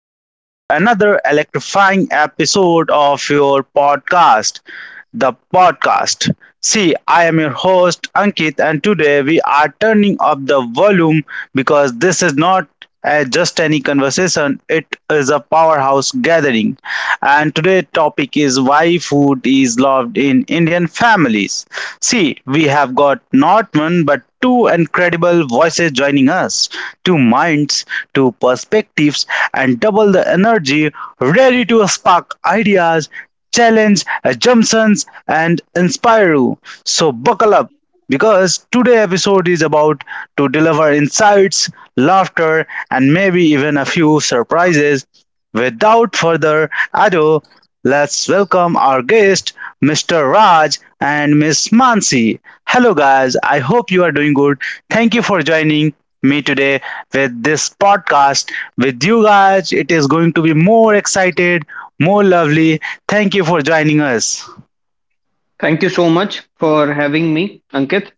welcome to another electrifying episode of your podcast the podcast. See, I am your host Ankit, and today we are turning up the volume because this is not just any conversation, it is a powerhouse gathering. And today's topic is why food is loved in Indian families. See, we have got not one but two incredible voices joining us, two minds, two perspectives, and double the energy ready to spark ideas, challenge assumptions and inspire you. So buckle up because today episode is about to deliver insights, laughter and maybe even a few surprises. Without further ado, let's welcome our guest Mr. Raj and Miss Mansi. Hello guys, I hope you are doing good. Thank you for joining me today with this podcast. With you guys it is going to be more excited, more lovely. Thank you for joining us. Thank you so much for having me, Ankit.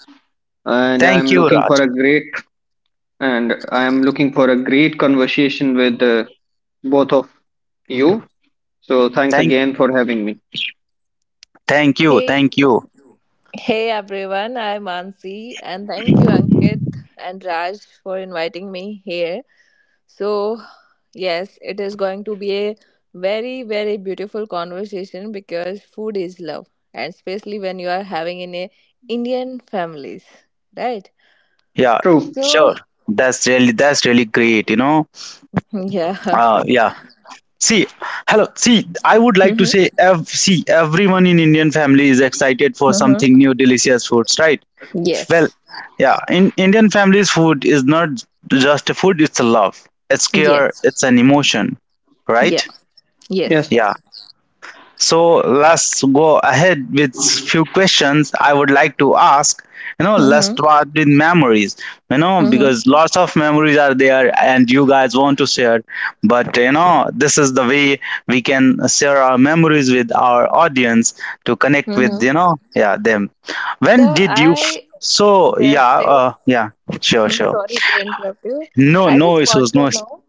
And Thank I'm you, looking for Raj. a great and I'm looking for a great conversation with both of you. So thanks Thank again for having me. thank you. Hey, Thank you. hey everyone, I'm Ansi, and thank you, Ankit and Raj, for inviting me here. So, yes, it is going to be a very, very beautiful conversation because food is love, and especially when you are having in a Indian families, right? Yeah, True. So, sure. That's really great, you know. yeah, Yeah. See, hello. See, I would like to say mm-hmm, see everyone in Indian family is excited for something mm-hmm. new delicious foods, right? Well, Yes, yeah, in Indian families food is not just a food, it's a love. It's care, yes, it's an emotion, yeah, right? yes, Yes. Yeah. So let's go ahead with few questions I would like to ask. You know, let's mm-hmm, start with memories. You know, mm-hmm, because lots of memories are there, and you guys want to share. But you know, this is the way we can share our memories with our audience to connect with, mm-hmm. Yeah, them. When So, did you? I So yeah, just a uh, yeah, sure, I'm sure. sorry to interrupt you. No, I no just want issues, no. to know,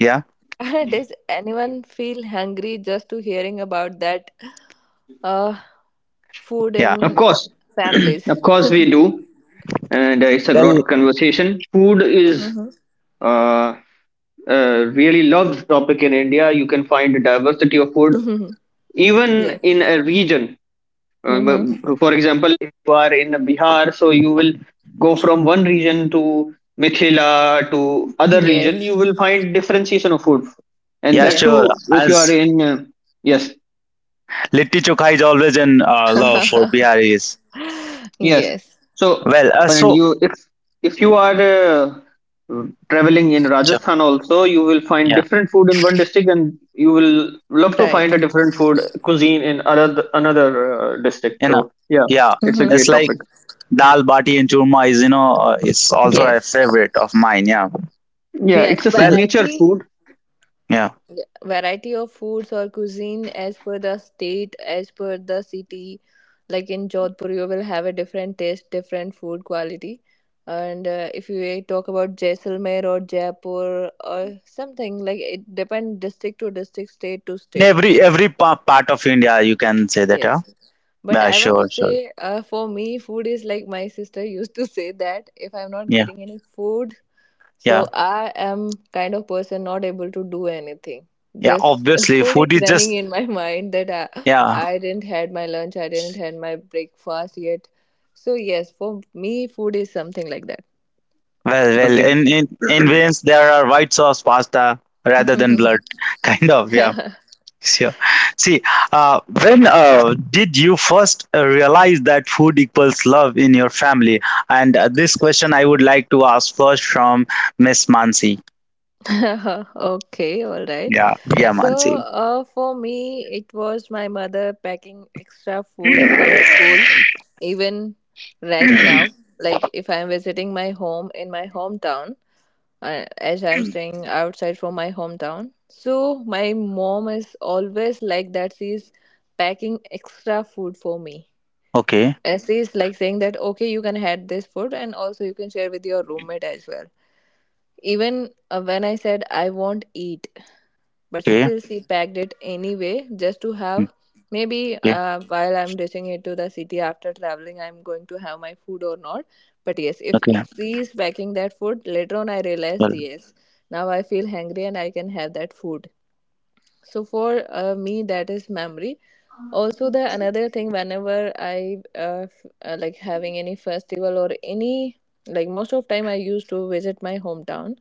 Yeah, does anyone feel hungry just to hearing about that uh, food yeah. Of in course. families? Of course we do. And it's a Well, great conversation. Food is Mm-hmm. uh, a really loved topic in India. You can find a diversity of food Mm-hmm. even in Yes. a region. Mm-hmm. For example, if you are in Bihar, so you will go from one region to Mithila to other region, you Yes. will find differentiation of food, and yeah, that too sure. Yes. I'll. if you are in yes. Litti Chokha is always in love for Biharis. Yes. Yes. So Well, and so you if you are traveling in Rajasthan also, you will find yeah, different food in one district, and you will love to find Right. a different food cuisine in other another district. you know, So yeah, yeah, it's a Mm-hmm. it's great like topic. dal bati and churma is, it's also a Yes. favorite of mine. Yeah, Yeah, Yes. it's a well, signature food. yeah, Variety of foods or cuisine as per the state, as per the city. Like in Jodhpur, you will have a different taste, different food quality. And if you talk about Jaisalmer or Jaipur or something, like it depends district to district, state to in state. every part of India you can say that. Yeah, Yes. But yeah, I want sure, to sure, say, for me, food is like my sister used to say that if I'm not yeah, getting any food yeah, so I am kind of person not able to do anything. yeah. Just Obviously, food food is is running just in my mind that yeah. I didn't had my lunch, I didn't had my breakfast yet. So yes, for me, food is something like that. Well, well, Okay. in Vins there are white sauce pasta rather than blood, kind of. Yeah. Sure. See, when did you first realize that food equals love in your family? And this question I would like to ask first from Miss Mansi. Okay, all right. Yeah, yeah, So Mansi. For me, it was my mother packing extra food for school, even right now. Like if I'm visiting my home in my hometown, as I'm staying outside from my hometown. So my mom is always like that. She's packing extra food for me. Okay, And she's like saying that, okay, you can have this food and also you can share with your roommate as well. Even when I said I won't eat, but okay, still she packed it anyway just to mm, have maybe okay, while I'm reaching it to the city after traveling, I'm going to have my food or not. But yes, if okay. she is packing that food, later on I realized Well, yes, now I feel hungry and I can have that food. So for me, that is memory. Also the another thing, whenever I like having any festival or any like most of time I used to visit my hometown,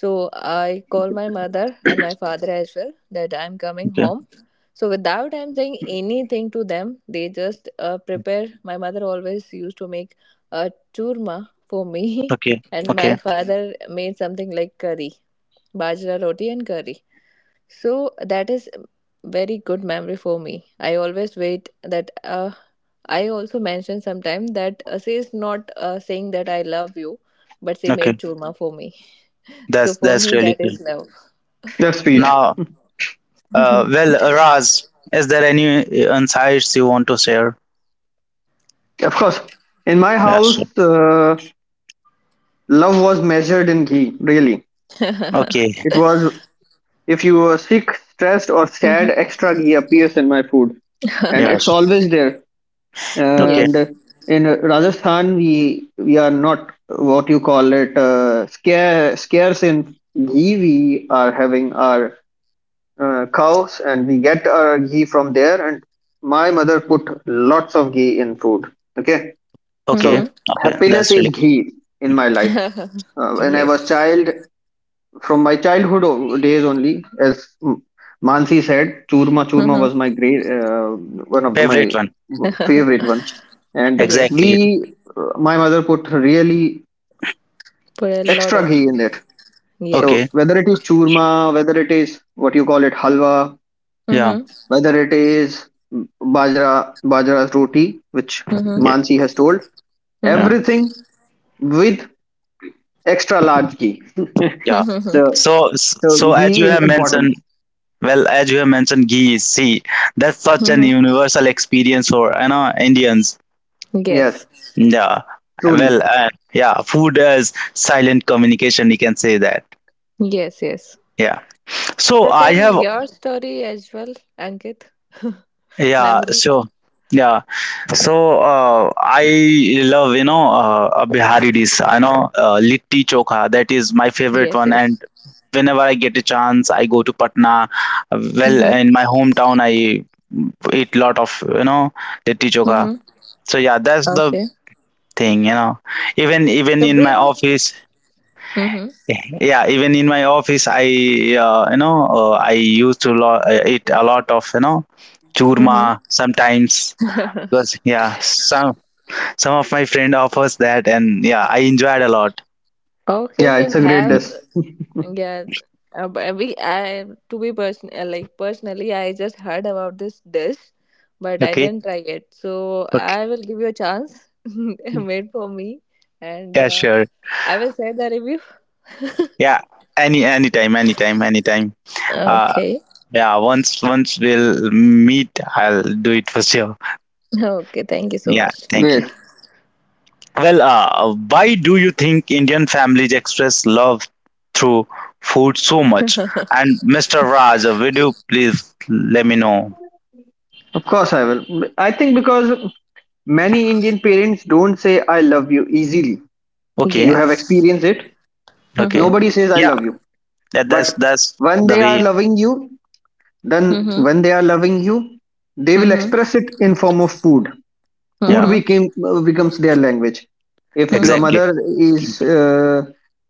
so I call my mother and my father as well that I'm coming okay, home. So without I'm saying anything to them, they just prepare. My mother always used to make a churma for me okay, and my okay, father made something like curry, bajra roti and curry. So that is very good memory for me. I always wait that I also mentioned sometime that she is not saying that I love you, but she made okay. churma for me. So That's for that's me, really that good. is love. That's sweet. Yeah. Now, Mhm. well, Raz, is there any insights you want to share? Of course. In my Yes, sure. house, love was measured in ghee, really. Okay. It was if you were sick, stressed, or sad, Mhm. extra ghee appears in my food. And it's Yes. always there. Okay. And Yes. in Rajasthan, we are not what you call it scarce in ghee. We are having our cows and we get our ghee from there. And my mother put lots of ghee in food. Okay. Okay. So Hmm. Okay. happiness That's is really ghee in my life. When I was Yes. child, from my childhood days only, as Mansi said, churma Hmm. was my great my favorite one. favorite one, and we Yes. Exactly. My mother put really For a lot extra of ghee in it. Okay. So yes. whether it is churma, whether it is what you call it halwa, Yeah. Hmm. whether it is bajra's roti, which Hmm. Yeah. Mansi has told, Hmm. Yeah. everything with extra large key. Yeah. Hmm. so So, so so as ghee you is have important. mentioned, well, as you have mentioned, ghee, see, that's such an Hmm. universal experience for, you know, Indians. Yes, Yes. Yeah. truly. Well, yeah, food is silent communication, you can say that. Yes. Yes. Yeah. So So I tell have, your story as well, Ankit. yeah, Memory? so, yeah. So I love, you know, a Bihari dish, I know, litti chokha, that is my favorite Yes, one. yes. And whenever I get a chance, I go to Patna. Well, Mm-hmm. in my hometown, I eat lot of, litti choka. Mm-hmm. So yeah, that's the Okay. thing. You know, even So in my bring. office, Mm-hmm. yeah, even in my office, I you know I used to eat a lot of, Mm-hmm. churma sometimes, because yeah, some of my friend offers that and yeah I enjoyed a lot. Okay. Yeah, So it's a great have dish. yeah. But we I to be person like personally I just heard about this dish, but I Okay, didn't try it. So okay, I will give you a chance. Made for me, and yeah, sure, I will share the review. yeah. Anytime, anytime, anytime. Uh, Okay. Yeah, once we'll meet, I'll do it for sure. Okay. Thank you so Yeah, much. Great. thank you. Well, why do you think Indian families express love through food so much? And Mr. Raj, would you please let me know? Of course I will. I think because many Indian parents don't say I love you easily. Okay, You have Yes. experienced it. okay. Mm-hmm. Nobody says I Yeah, love you. that's But that's when the they are way. loving you, then Mm-hmm. when they are loving you, they will Mm-hmm. express it in form of food. Food Yeah, Mm-hmm. became becomes their language. If your Mm-hmm. mother exactly. is uh,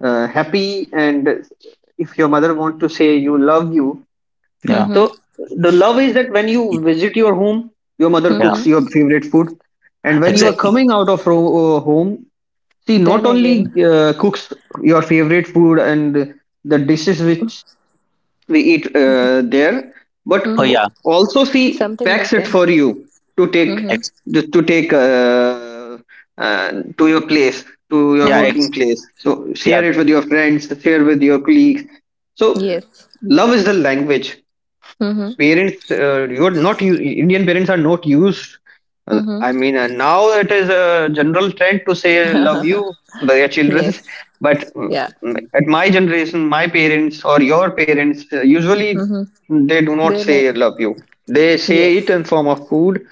uh, happy and if your mother want to say you love you, Yeah, so the love is that when you visit your home, your mother yeah, Mm-hmm. cooks your favorite food. And when you are Yes. exactly. coming out of home, she not Then only again, cooks your favorite food and the dishes which we eat there, but Oh mm-hmm, yeah, also she something packs it different. for you to take Mm-hmm. ex- to take uh, to your place, to your yeah, working Mm-hmm. place, so yeah. share it with your friends, share with your colleagues. So Yes. love is the language. Mm-hmm. Parents uh, you're not u- indian parents are not used, uh, I mean, and now it is a general trend to say love you Mm-hmm. to their children, Yes. but Yeah. At my generation, my parents or your parents usually Mm-hmm. they do not Then, say I- love you. They say it yes. in form of food,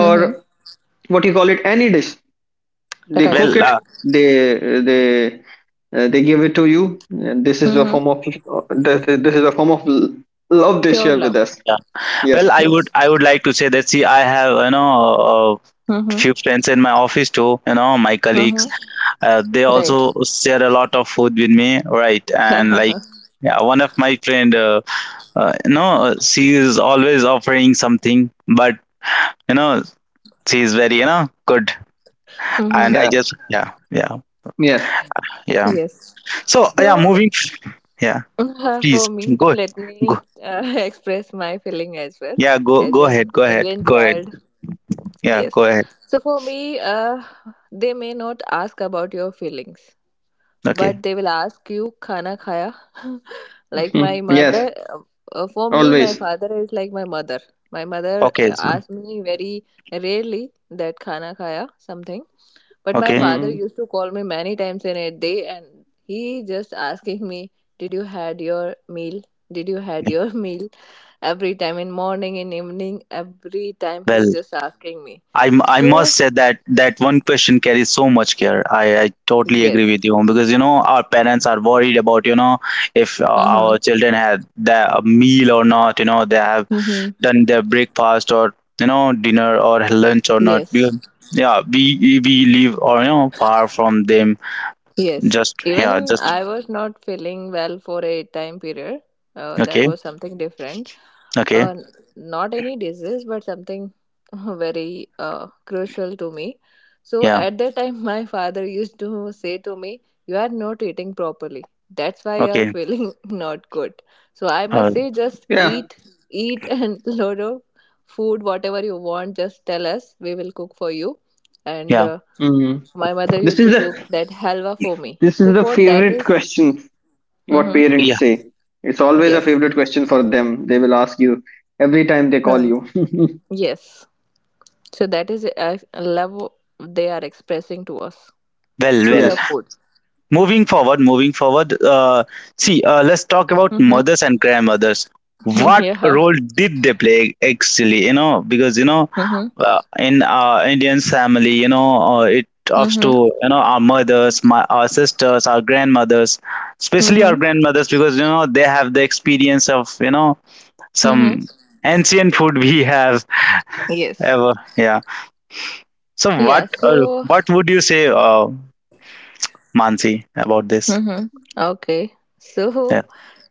Mm-hmm. what you call it, any dish they cook Right. Well, it, they they they give it to you, and this is a Mm-hmm. form of this is a form of love they Pure share love. with us. yeah. Yes. Well, I Yes. would like to say that, see, I have, you know, Mm-hmm. few friends in my office too, you know, my colleagues, Mm-hmm. They also Right. share a lot of food with me, right? And like yeah, one of my friend, you know, she is always offering something, but you know, she is very, you know, good. Mm-hmm. And I Yeah. just, yeah, yeah, Yes. yeah, Yes. so yeah, So, moving, yeah, for please me, go, let me go, express my feeling as well. yeah, go, As go an ahead, go ahead, Indian go ahead, child, yeah, yes. go ahead, So for me, they may not ask about your feelings, okay, but they will ask you khana khaya. Like my Mhm. Yes. mother, for me, my Always. father is like my mother. My mother okay, so, asked me very rarely that khana khaya something, but my okay. father Mm. used to call me many times in a day, and he just asking me, "Did you had your meal? Did you had your meal?" Every time in morning, in evening, every time he's Well, just asking me I so must say that that one question carries so much care. I totally agree yes. with you, because you know, our parents are worried about, you know, if Mm-hmm. our children had the a meal or not. You know they have Mm-hmm. done their breakfast or, you know, dinner or lunch or not. We, Yes. yeah, we live, or, far from them. Yes, Just yeah, even just, I was not feeling well for a time period. That okay, was something different. Uh, okay, n- Not any disease, but something very crucial to me. So yeah, at that time, my father used to say to me, you are not eating properly. That's why you are okay, feeling not good. So I uh, must say, just Yeah. Eat, and load of food, whatever you want, just tell us. We will cook for you. And yeah, Mm. my mother This used is to cook the, that halwa for me. this is So the for that favorite is- question, what Mhm. yeah. parents say. It's always a favorite Yes. question for them. They will ask you every time they call Huh. you. Yes. So that is a love they are expressing to us Well, through well. the Yes. food. Moving forward, see, let's talk about Mm-hmm. mothers and grandmothers. What Yeah. role did they play actually? You know, because, you know, Mm-hmm. In our Indian family, you know, it talks to, Mm-hmm. you know, our mothers, my our sisters, our grandmothers, especially our Mm-hmm. grandmothers, because you know they have the experience of, you know, some Mm-hmm. ancient food we have Yes. ever. Yeah. So Yeah. what uh, So. what would you say, Mansi, about this? Mm-hmm. Okay. So Yeah.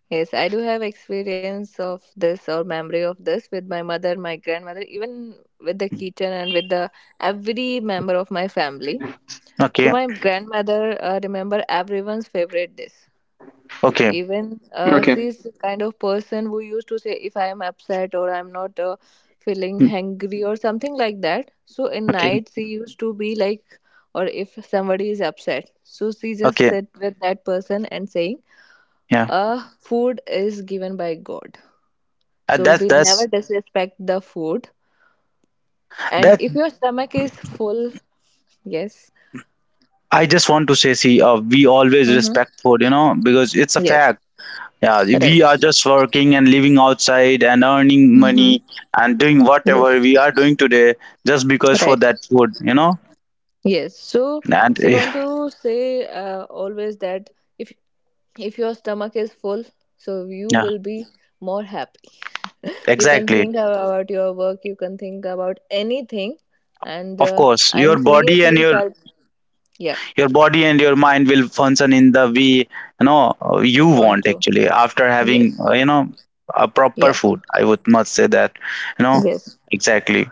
yes, I do have experience of this or memory of this with my mother, my grandmother, even with the kitchen and with the every member of my family. So Okay. my grandmother remember everyone's favorite dish. Okay. Even Okay. she's the kind of person who used to say if I am upset or I'm not feeling hungry or something like that. So in Okay. night she used to be like, or if somebody is upset, so she just Okay. sit with that person and saying, Yeah. Food is given by God, so That's we never that's disrespect the food. And that if your stomach is full, yes, I just want to say, see, we always mm-hmm. respect food, you know, because it's a Yes, fact. Yeah, right, we are just working and living outside and earning mm-hmm. money and doing whatever Yes, we are doing today just because for right." that food, you know. Yes. So And she eh, want to say always that if if your stomach is full, so you yeah, will be more happy. You can exactly. think about your work. You can think about anything, and Of course, I'm your body and seriously your felt yeah your body and your mind will function in the way, you know, you want want, to actually, after having, yes you know, a proper yeah food, I would must say that, you know. yes. Exactly.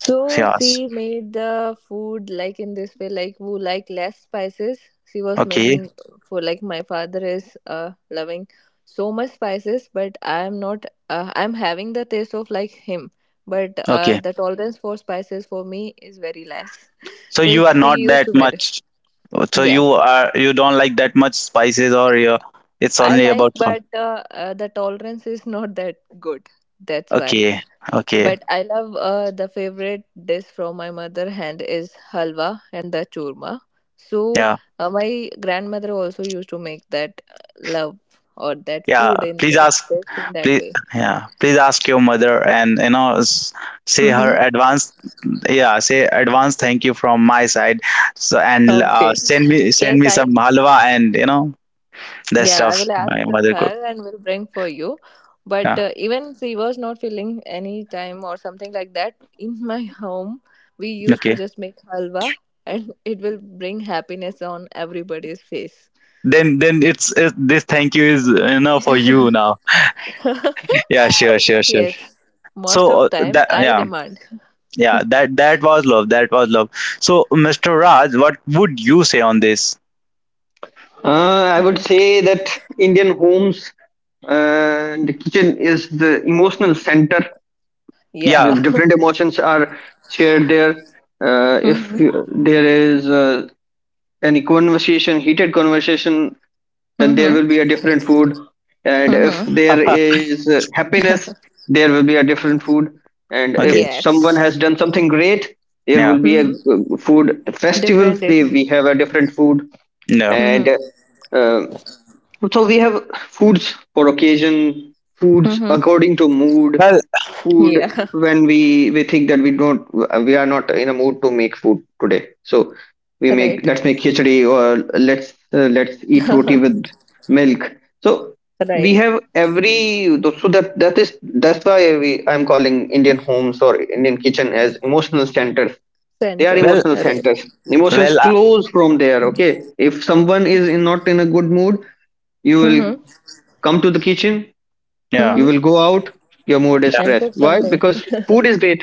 So Yes. she made the food like in this way, like who like less spices. She was Okay, making for like my father is loving so much spices, but I am not. I'm having the taste of like him, but okay, the tolerance for spices for me is very less. so So you are she not used that to make. much, so Yeah, you are, you don't like that much spices, or you, it's I only like, about fun. but the tolerance is not that good. That's why. Okay, okay. But I love the favorite dish from my mother hand is halwa and the churma. So Yeah, my grandmother also used to make that love or that yeah, food in please that ask, dish in that please, way. yeah, please ask your mother and, you know, say her Hmm. advance, yeah, say advance thank you from my side. So, and Okay. send me, Yes, I. some halwa and, you know, that Yeah, I stuff will ask my mother cooked. her and will bring for you. But Yeah. Even she was not feeling any time or something like that. In my home, we used to Okay, just make halwa, and it will bring happiness on everybody's face. then it's, it, this thank you is, you know, for you now. Yeah, sure, sure, sure. Yes. Most So, of time that, I yeah, demand. yeah, that was love, that was love. So, Mr. Raj, what would you say on this? I would say that Indian homes and the kitchen is the emotional center. Yeah. Yeah. Different emotions are shared there. If Mm-hmm. There is any conversation, heated conversation, then there Mm-hmm. will be a different food. And if Mm-hmm. there is happiness, there will be a different food. And Okay. if someone Yes. has done something great, there will Yeah. be a Mm-hmm. Food. Festivals, Different is. they, we have a different food. No. and Mm-hmm. uh, so we have foods for occasion, foods Mm-hmm. according to mood, Well, food Yeah. when we think that we are not in a mood to make food today, so we make Right. let's make khichdi, or let's let's eat roti with milk. So we Right. have every, so that, that is, that's why we I'm calling Indian homes or Indian kitchen as emotional centers. They are Center. well, emotional Right. centers. Emotions well, flows from there. Okay, if someone is in, not in a good mood, you will Mm-hmm. come to the kitchen, yeah, you Mm-hmm. will go out, your mood is yeah, And fresh. cook Why? something. Because food is great.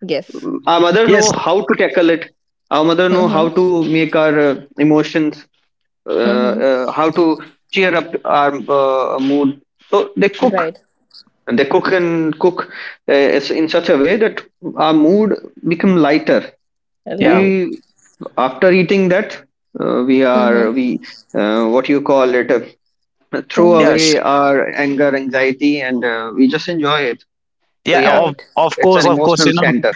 Yes. Our mother yes, know how to tackle it, our mother know how Mm-hmm. to make our emotions, Mm-hmm. How to cheer up our mood. So they cook, Right. and they cook and cook in such a way that our mood become lighter. yeah, Lie. We, after eating that, we Mm-hmm. are we what you call it, throw Mm-hmm. yes, away our anger, anxiety, and we just enjoy it. So yeah, yeah, of Right. It's course, an of course, emotional you know. center.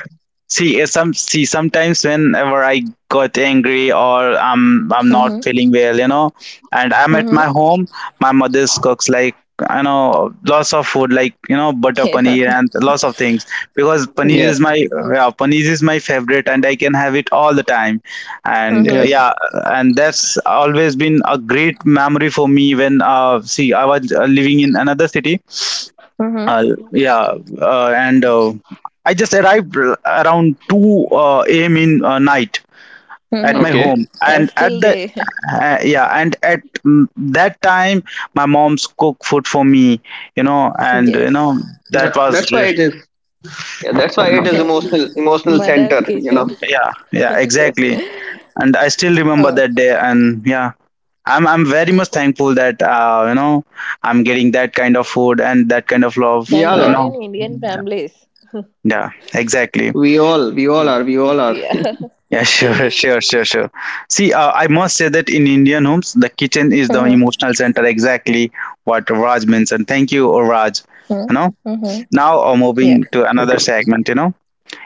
See, some, see, sometimes whenever I got angry, or I'm, not Mm-hmm. feeling well, you know, and I'm at my Mm-hmm. home, my mother's cooks like, you know, lots of food, like, you know, butter Yeah. paneer and lots of things, because paneer Yes. is Yes. my, yeah, paneer is my favorite and I can have it all the time, and Mm-hmm. yeah, and that's always been a great memory for me. When see, I was living in another city, Mm-hmm. uh, yeah, and I just arrived around two a.m. in night at my Mm-hmm. home, And and at still the, they. Yeah, and at, that time my mom's cook food for me, you know, and you Yes. know that was, that's why it is Yeah, that's why it is emotional Mother's center, you know. kitchen. yeah, yeah, Yes. exactly, and I still remember Oh, that day, and yeah. I'm very much thankful that you know, I'm getting that kind of food and that kind of We love, and all we you are are. in know. Indian families. Yeah, exactly. We all are. We all are. Yeah. Yeah, sure, sure, sure, sure. See, I must say that in Indian homes, the kitchen is the Mm-hmm. emotional center. Exactly what Raj mentioned. Thank you, oh, Raj. You know. Mm-hmm. Mm-hmm. Now, Yeah. moving to another Okay. segment. You know.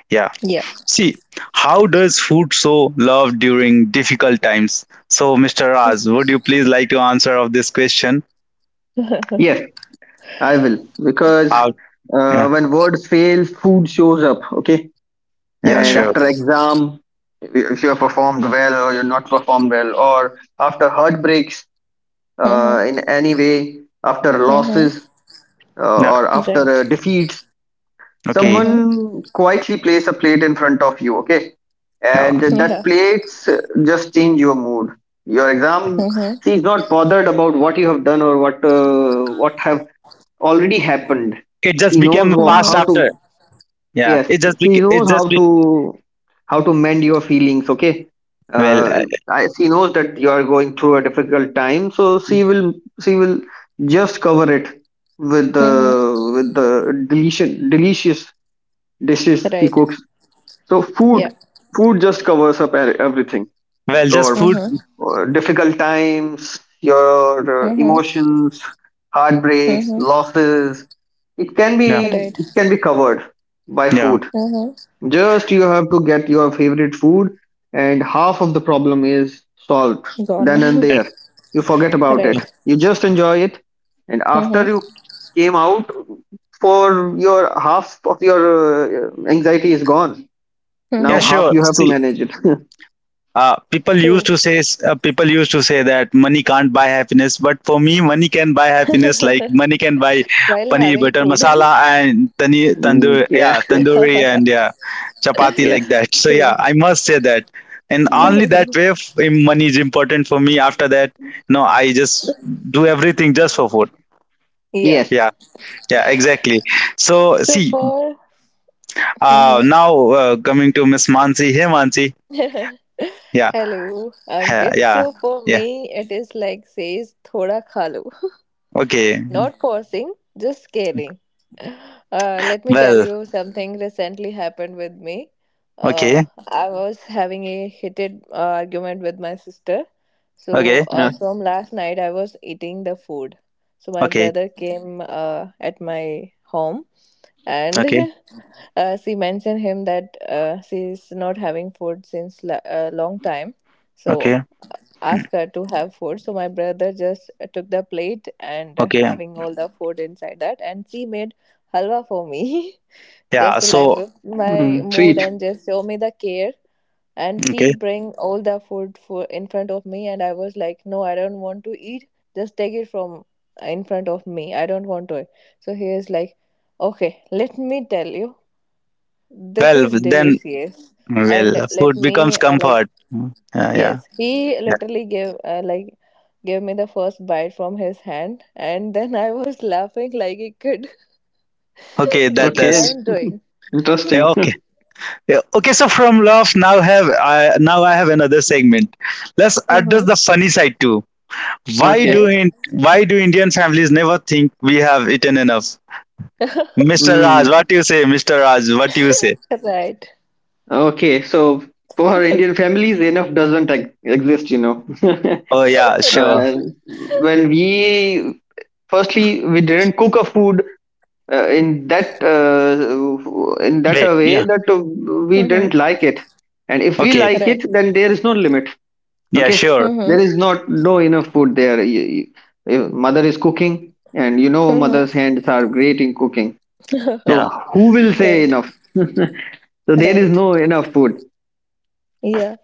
Yeah. Yeah. See, how does food show love during difficult times? So, Mr. Raj, would you please like to answer of this question? Yes, I will. Because How? Yeah. when words fail, food shows up, okay? Yeah. And Sure. Mm-hmm. after exam, if you have performed well or you're not performed well, or after heartbreaks Mm-hmm. In any way, after Mm-hmm. losses No. or after Right. Defeats, Okay. Mm-hmm. someone quietly place a plate in front of you, okay, Yeah. and that Yeah. plates just change your mood. Your exam, Mm-hmm. see, is not bothered about what you have done or what have already happened. It just she became knows wha- past how Mm-hmm. to after. Yeah. yes It just she became. It knows just how be. to, how to mend your feelings, okay? Well. She knows that you are going through a difficult time, so she will just cover it with the, Mm-hmm. with the delicious, delicious dishes he Right. cooks. So Yeah. food, food just covers up everything. Well. Just Your food. Mm-hmm. Difficult times, your Mm-hmm. emotions, heartbreaks, Mm-hmm. losses. Yeah. It Right. can be covered by Yeah. food. Mm-hmm. Just you have to get your favorite food, and half of the problem is solved Gone. then and there. You forget about it. Right. You just enjoy it, and Mm-hmm. after you came out, for your half of your anxiety is gone, Yeah, now Mm-hmm. half sure. you have to See, manage it. People used True. to say, that money can't buy happiness, but for me, money can buy happiness. Like money can buy While paneer having butter food. masala and tani Mm, tandoor, yeah. yeah, tandoori and yeah, chapati Yes. like that. So True. yeah, I must say that. And only Mm, that way, money is important for me. After that, no, I just do everything just for food. Yeah. yes. Yeah, yeah, exactly. So So see, for Mhm. now coming to Miss Mansi. Hey, Mansi. Yeah, Hello. Good. yeah, So for yeah. me, it is like says thoda khalo. Okay. Not forcing, just caring. Let me tell Well, you something recently happened with me. Uh, okay. I was having a heated argument with my sister. So Okay. Yes. from last night, I was eating the food. So my Okay. brother came at my home and Okay. She mentioned him that she's not having food since a long time, so Okay. ask her to have food. So my brother just took the plate and Okay. having all the food inside that, and she made halwa for me just Yeah. to life So, up my Mm, mood sweet. and just show me the care. And he okay. bring all the food for in front of me, and I was like, no, I don't want to eat. Just take it from in front of me. I don't want to eat. So he is like, okay, let me tell you. This Well, is then, delicious, and well, let food becomes me like comfort. Mm. Yeah. Yeah. yes, he Yeah. literally gave like gave me the first bite from his hand, and then I was laughing like a kid Okay. that That, what that's, Okay. I'm doing. yeah, Interesting. okay. Yeah, okay. So from love, now I have another segment. Let's Mm-hmm. address the funny side too. Why Okay. do, Okay, in, why do Indian families never think we have eaten enough? Mr. Raj, Mm. what do you say? Mr. Raj, what do you say? right, Okay. So for Indian families, enough doesn't exist, you know. Oh, yeah, sure. uh, right, when we Firstly we didn't cook a food uh, in that uh, in that Wait, a way yeah. that we mm-hmm, didn't like it, and if we Okay. like right, it, then there is no limit. Yeah, Okay, sure. there mm-hmm. is not no enough food there. If mother is cooking, and you know Mm-hmm. mother's hands are great in cooking, so Yeah. who will say Right, enough? So there is right. no enough food. Yeah,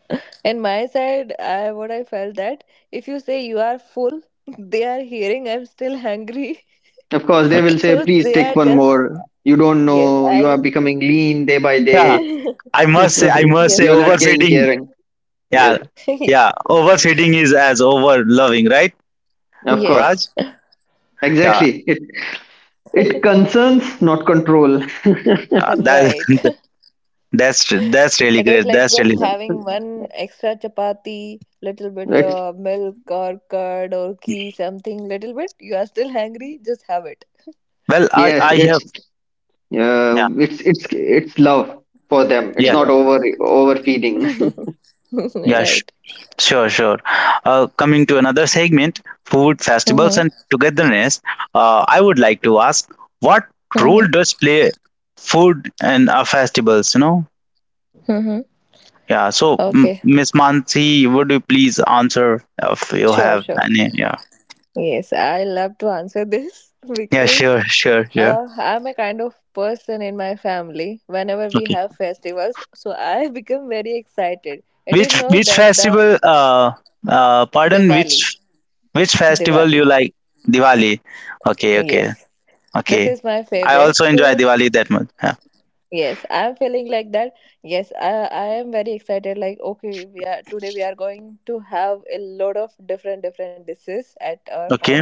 and my side, I what I felt that if you say you are full, they are hearing I'm still hungry. Of course they will Okay. say, So please they take are one just more, you don't yes, know you are adding. becoming lean day by Yeah. day. I must say, I must say, Yes. You're not getting, overfeeding. caring. Yes. Yeah. Yeah. Overfeeding is as over loving, right, Of course. Raj? Yes. Yeah. Exactly it, it concerns not control. That Right. that's really It is great. like That's just really having one extra chapati, little bit it's milk or curd or ghee, something little bit. You are still hungry, just have it. well. I yes I it's, have. Yeah. yeah, it's love for them. It's Yeah. not Yeah. over, overfeeding. Yeah. Right. Sure. Sure. Coming to another segment, food festivals Mm-hmm. and togetherness. I would like to ask, what role Mm-hmm. does play food and festivals? You know, Mm-hmm. yeah. So, Okay. Miss Mansi, would you please answer if you Sure, have sure. any? Yeah. Yes, I love to answer this Yeah, because sure, sure, sure. I'm a kind of person in my family. Whenever we Okay. have festivals, so I become very excited. It is Which not which that the festival? Pardon. Diwali, Which festival Diwali. you like? Diwali. Okay. Okay. Yes, this Okay. is my I favorite. also enjoy So Diwali that much. Yeah. yes, I'm feeling like that. Yes, I am very excited. Like okay, we are today we are going to have a lot of different different dishes at our home, Okay.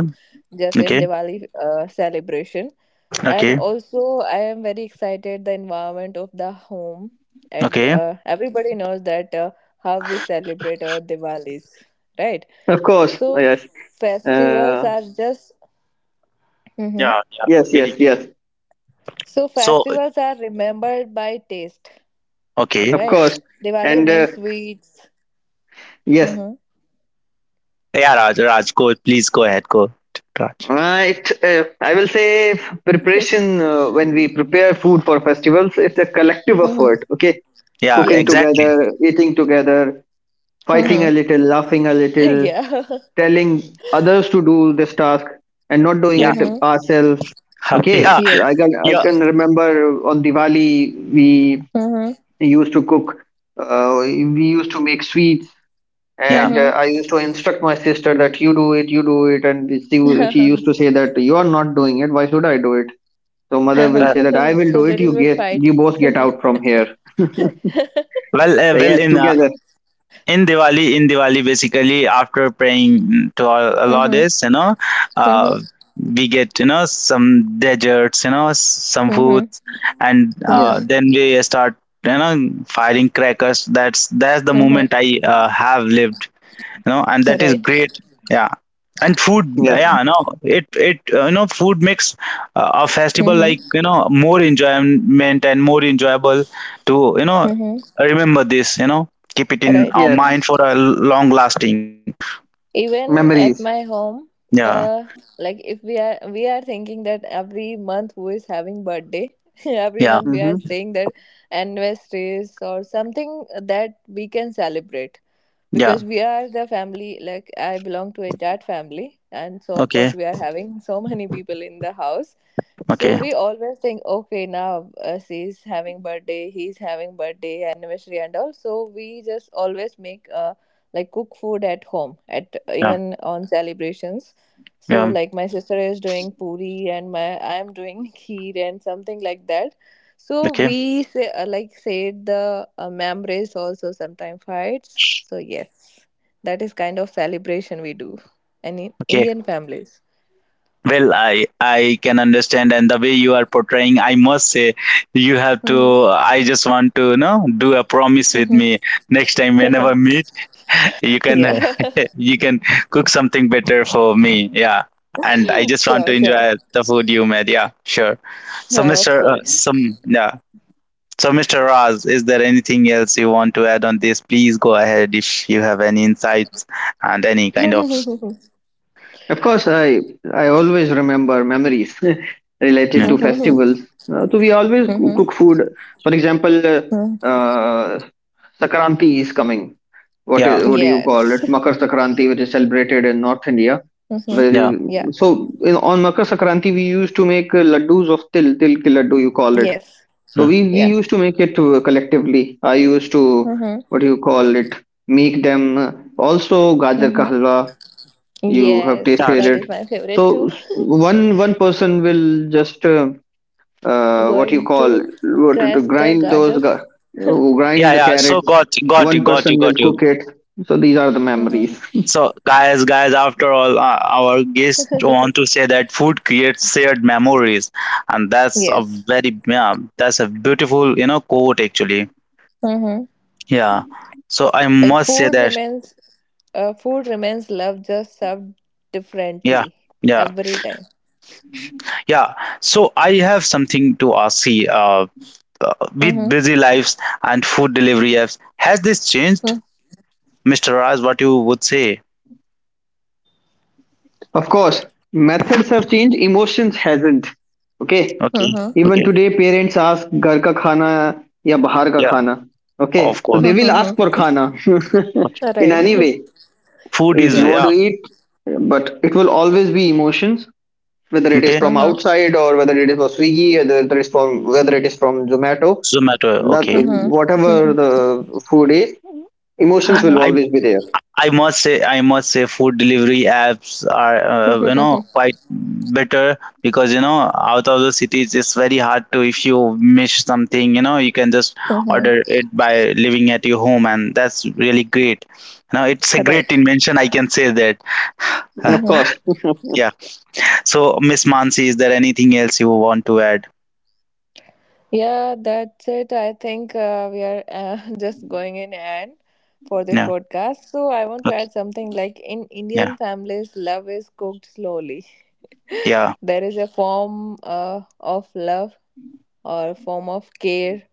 just in Okay. Diwali celebration. And Okay. also, I am very excited the environment of the home. And Okay. Everybody knows that how we celebrate our Diwalis, right? Of course, So yes, festivals uh, are just. Mhm. Yeah. Yeah. yes, yes, Agree. yes. So So. festivals are remembered by taste, Okay. Of right? course, Diwali and means sweets. yes, Mm-hmm. Yeah, Raj. Raj, go. Please go ahead. Go. Raj. right. I will say preparation when we prepare food for festivals. It's a collective Mm-hmm. effort. Okay, Yeah. cooking Yes. Exactly. together, eating together, fighting Mm-hmm. a little, laughing a little, Yeah. telling others to do this task and not doing Yeah. it Mm-hmm. ourselves. Yeah. Okay, i Yes. can I Yeah. can remember on Diwali we Mm-hmm. used to cook, we used to make sweets, Yeah. and I used to instruct my sister that you do it, you do it, she Mm-hmm. used to say that you are not doing it, why should I do it? So mother will well, say that I will So do it, you little bit get fight. you both get out from here. Well, uh, So well, yes, in uh, together. in Diwali, in Diwali, basically after praying to all Allah Mm-hmm. this, you know, uh, Mm-hmm. we get, you know, some desserts, you know, some Mm-hmm. foods, and Yes, Mm-hmm. then we start, you know, firing crackers. That's the Mm-hmm. moment I have lived, you know, and that is Right. great. Yeah. And food, yes, yeah, no, it you know, food makes a festival, like, Mm-hmm. you know, more enjoyment and more enjoyable to, you know, Mm-hmm. remember this, you know, keep it in Right. our yes. mind for a long lasting. Even at Memories. my home Yeah, uh like if we are thinking that every month who is having birthday, every yeah, month we are Hmm. saying that anniversaries or something that we can celebrate yeah. because we are the family. Like I belong to a dad family, and so of Okay. course we are having so many people in the house. So Okay. we always think, okay, now she's having birthday, he's having birthday, anniversary, and all. So we just always make like cook food at home, at Yeah, even on celebrations. So yeah. like my sister is doing puri, and my I'm doing kheer and something like that. So Okay. we say like said the memories also sometimes fights. So yes, that is kind of celebration we do, and in Okay. Indian families. Well, I can understand, and the way you are portraying, I must say, you have to, Mm-hmm. I just want to, you know, do a promise with me. Next time, whenever Mm-hmm. me, you can Yeah. you can cook something better for me. Yeah. And I just want to Sure, enjoy sure. the food you made. Yeah, sure. So, Oh, of mr course. some yeah. So, Mr. Raz, is there anything else you want to add on this? Please go ahead, if you have any insights and any kind of. Of course, I always remember memories related Yeah, to Mhm, mhm, festivals. So we always mhm, cook food. For example, mhm. uh, Sakranti is coming. What yeah, is, what do you call it? Yes. Makar Sakranti, which is celebrated in North India. Mhm. yeah, Very, Yeah. so in, on Makar Sakranti, we used to make laddus of til ki laddu, you call it. Yes. So we Yeah. used to make it collectively. I used to, Mhm, what do you call it? Make them. Also, gajar ka mhm. halwa, you have Yes. yeah, tasted That it. is my So favorite too. One person will just what you Going call, to what to crash the grind garter. those yeah, grind the yeah. So, carrots, got got one you got person you will got you cook it. So these are the Mhm. memories. So, guys, guys, after all, our guests want to say that food creates shared memories, and that's a Yes. very, yeah, that's a beautiful, you know, quote actually. Mm-hmm. Yeah. So I Like must say that. Food remains love just served Yeah, differently yeah, every time. yeah. So I have something to ask. See, with Mm-hmm. busy lives and food delivery apps, has this changed, Mr. Raj? What you would say? Of course methods have changed, emotions hasn't. Okay, Okay, Mm-hmm. even okay, today parents ask घर का खाना या बाहर का yeah, खाना. Okay, of so course. they will ask for Mm-hmm. खाना Okay. All in right. any way, Food if is, you Yeah. want yeah, to eat. But it will always be emotions, whether it is okay. from Mm-hmm. outside or whether it is from Swiggy, whether it is from, whether it is from Zomato, Zomato, that okay. Mm-hmm. Mm-hmm. whatever the food is, emotions will Mm-hmm. always be there. I must say, food delivery apps are, you know, quite better because, you know, out of the cities, it's very hard to, if you miss something, you know, you can just Hmm. order it by living at your home, and that's really great. You know, it's a great Right. invention, I can say that. Of Mm-hmm. course. Yeah. So, Miss Mansi, is there anything else you want to add? Yeah, that's it. I think we are just going in and for this No. podcast. So I want to Okay. add something like in Yeah. Indian families, love is cooked slowly. Yeah. There is a form of love or form of care,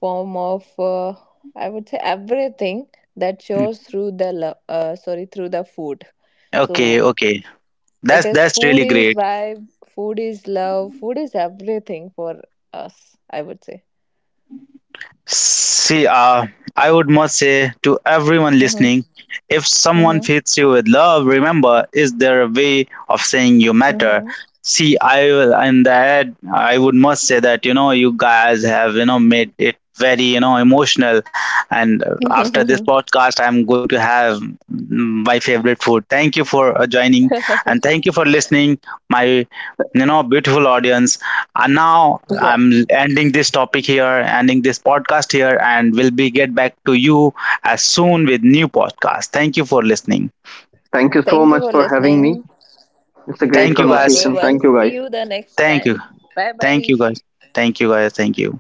form of I would say everything that Mm. shows through the love. Sorry, through the food. Okay. So Okay. it is That's food really is great. vibe, food is love, food is everything for us, I would say. See, I would must say to everyone Mm-hmm. listening, if someone Mm-hmm. treats you with love, remember, is there a way of saying you matter? See, I will, in the ad, I would must say that, you know, you guys have, you know, made it very, you know, emotional. And after this Mm-hmm. podcast, I'm going to have my favorite food. Thank you for joining, and thank you for listening, my, you know, beautiful audience. And now Yeah. I'm ending this topic here, ending this podcast here, and we'll be get back to you as soon with new podcast. Thank you for listening. Thank you so Thank you much for for having me. listening. It's a great Thank Thank you, you, guys. conversation. everyone. Thank you, See guys. you the next Thank you. time. Bye Thank bye. you, guys. Thank you, guys. Thank you.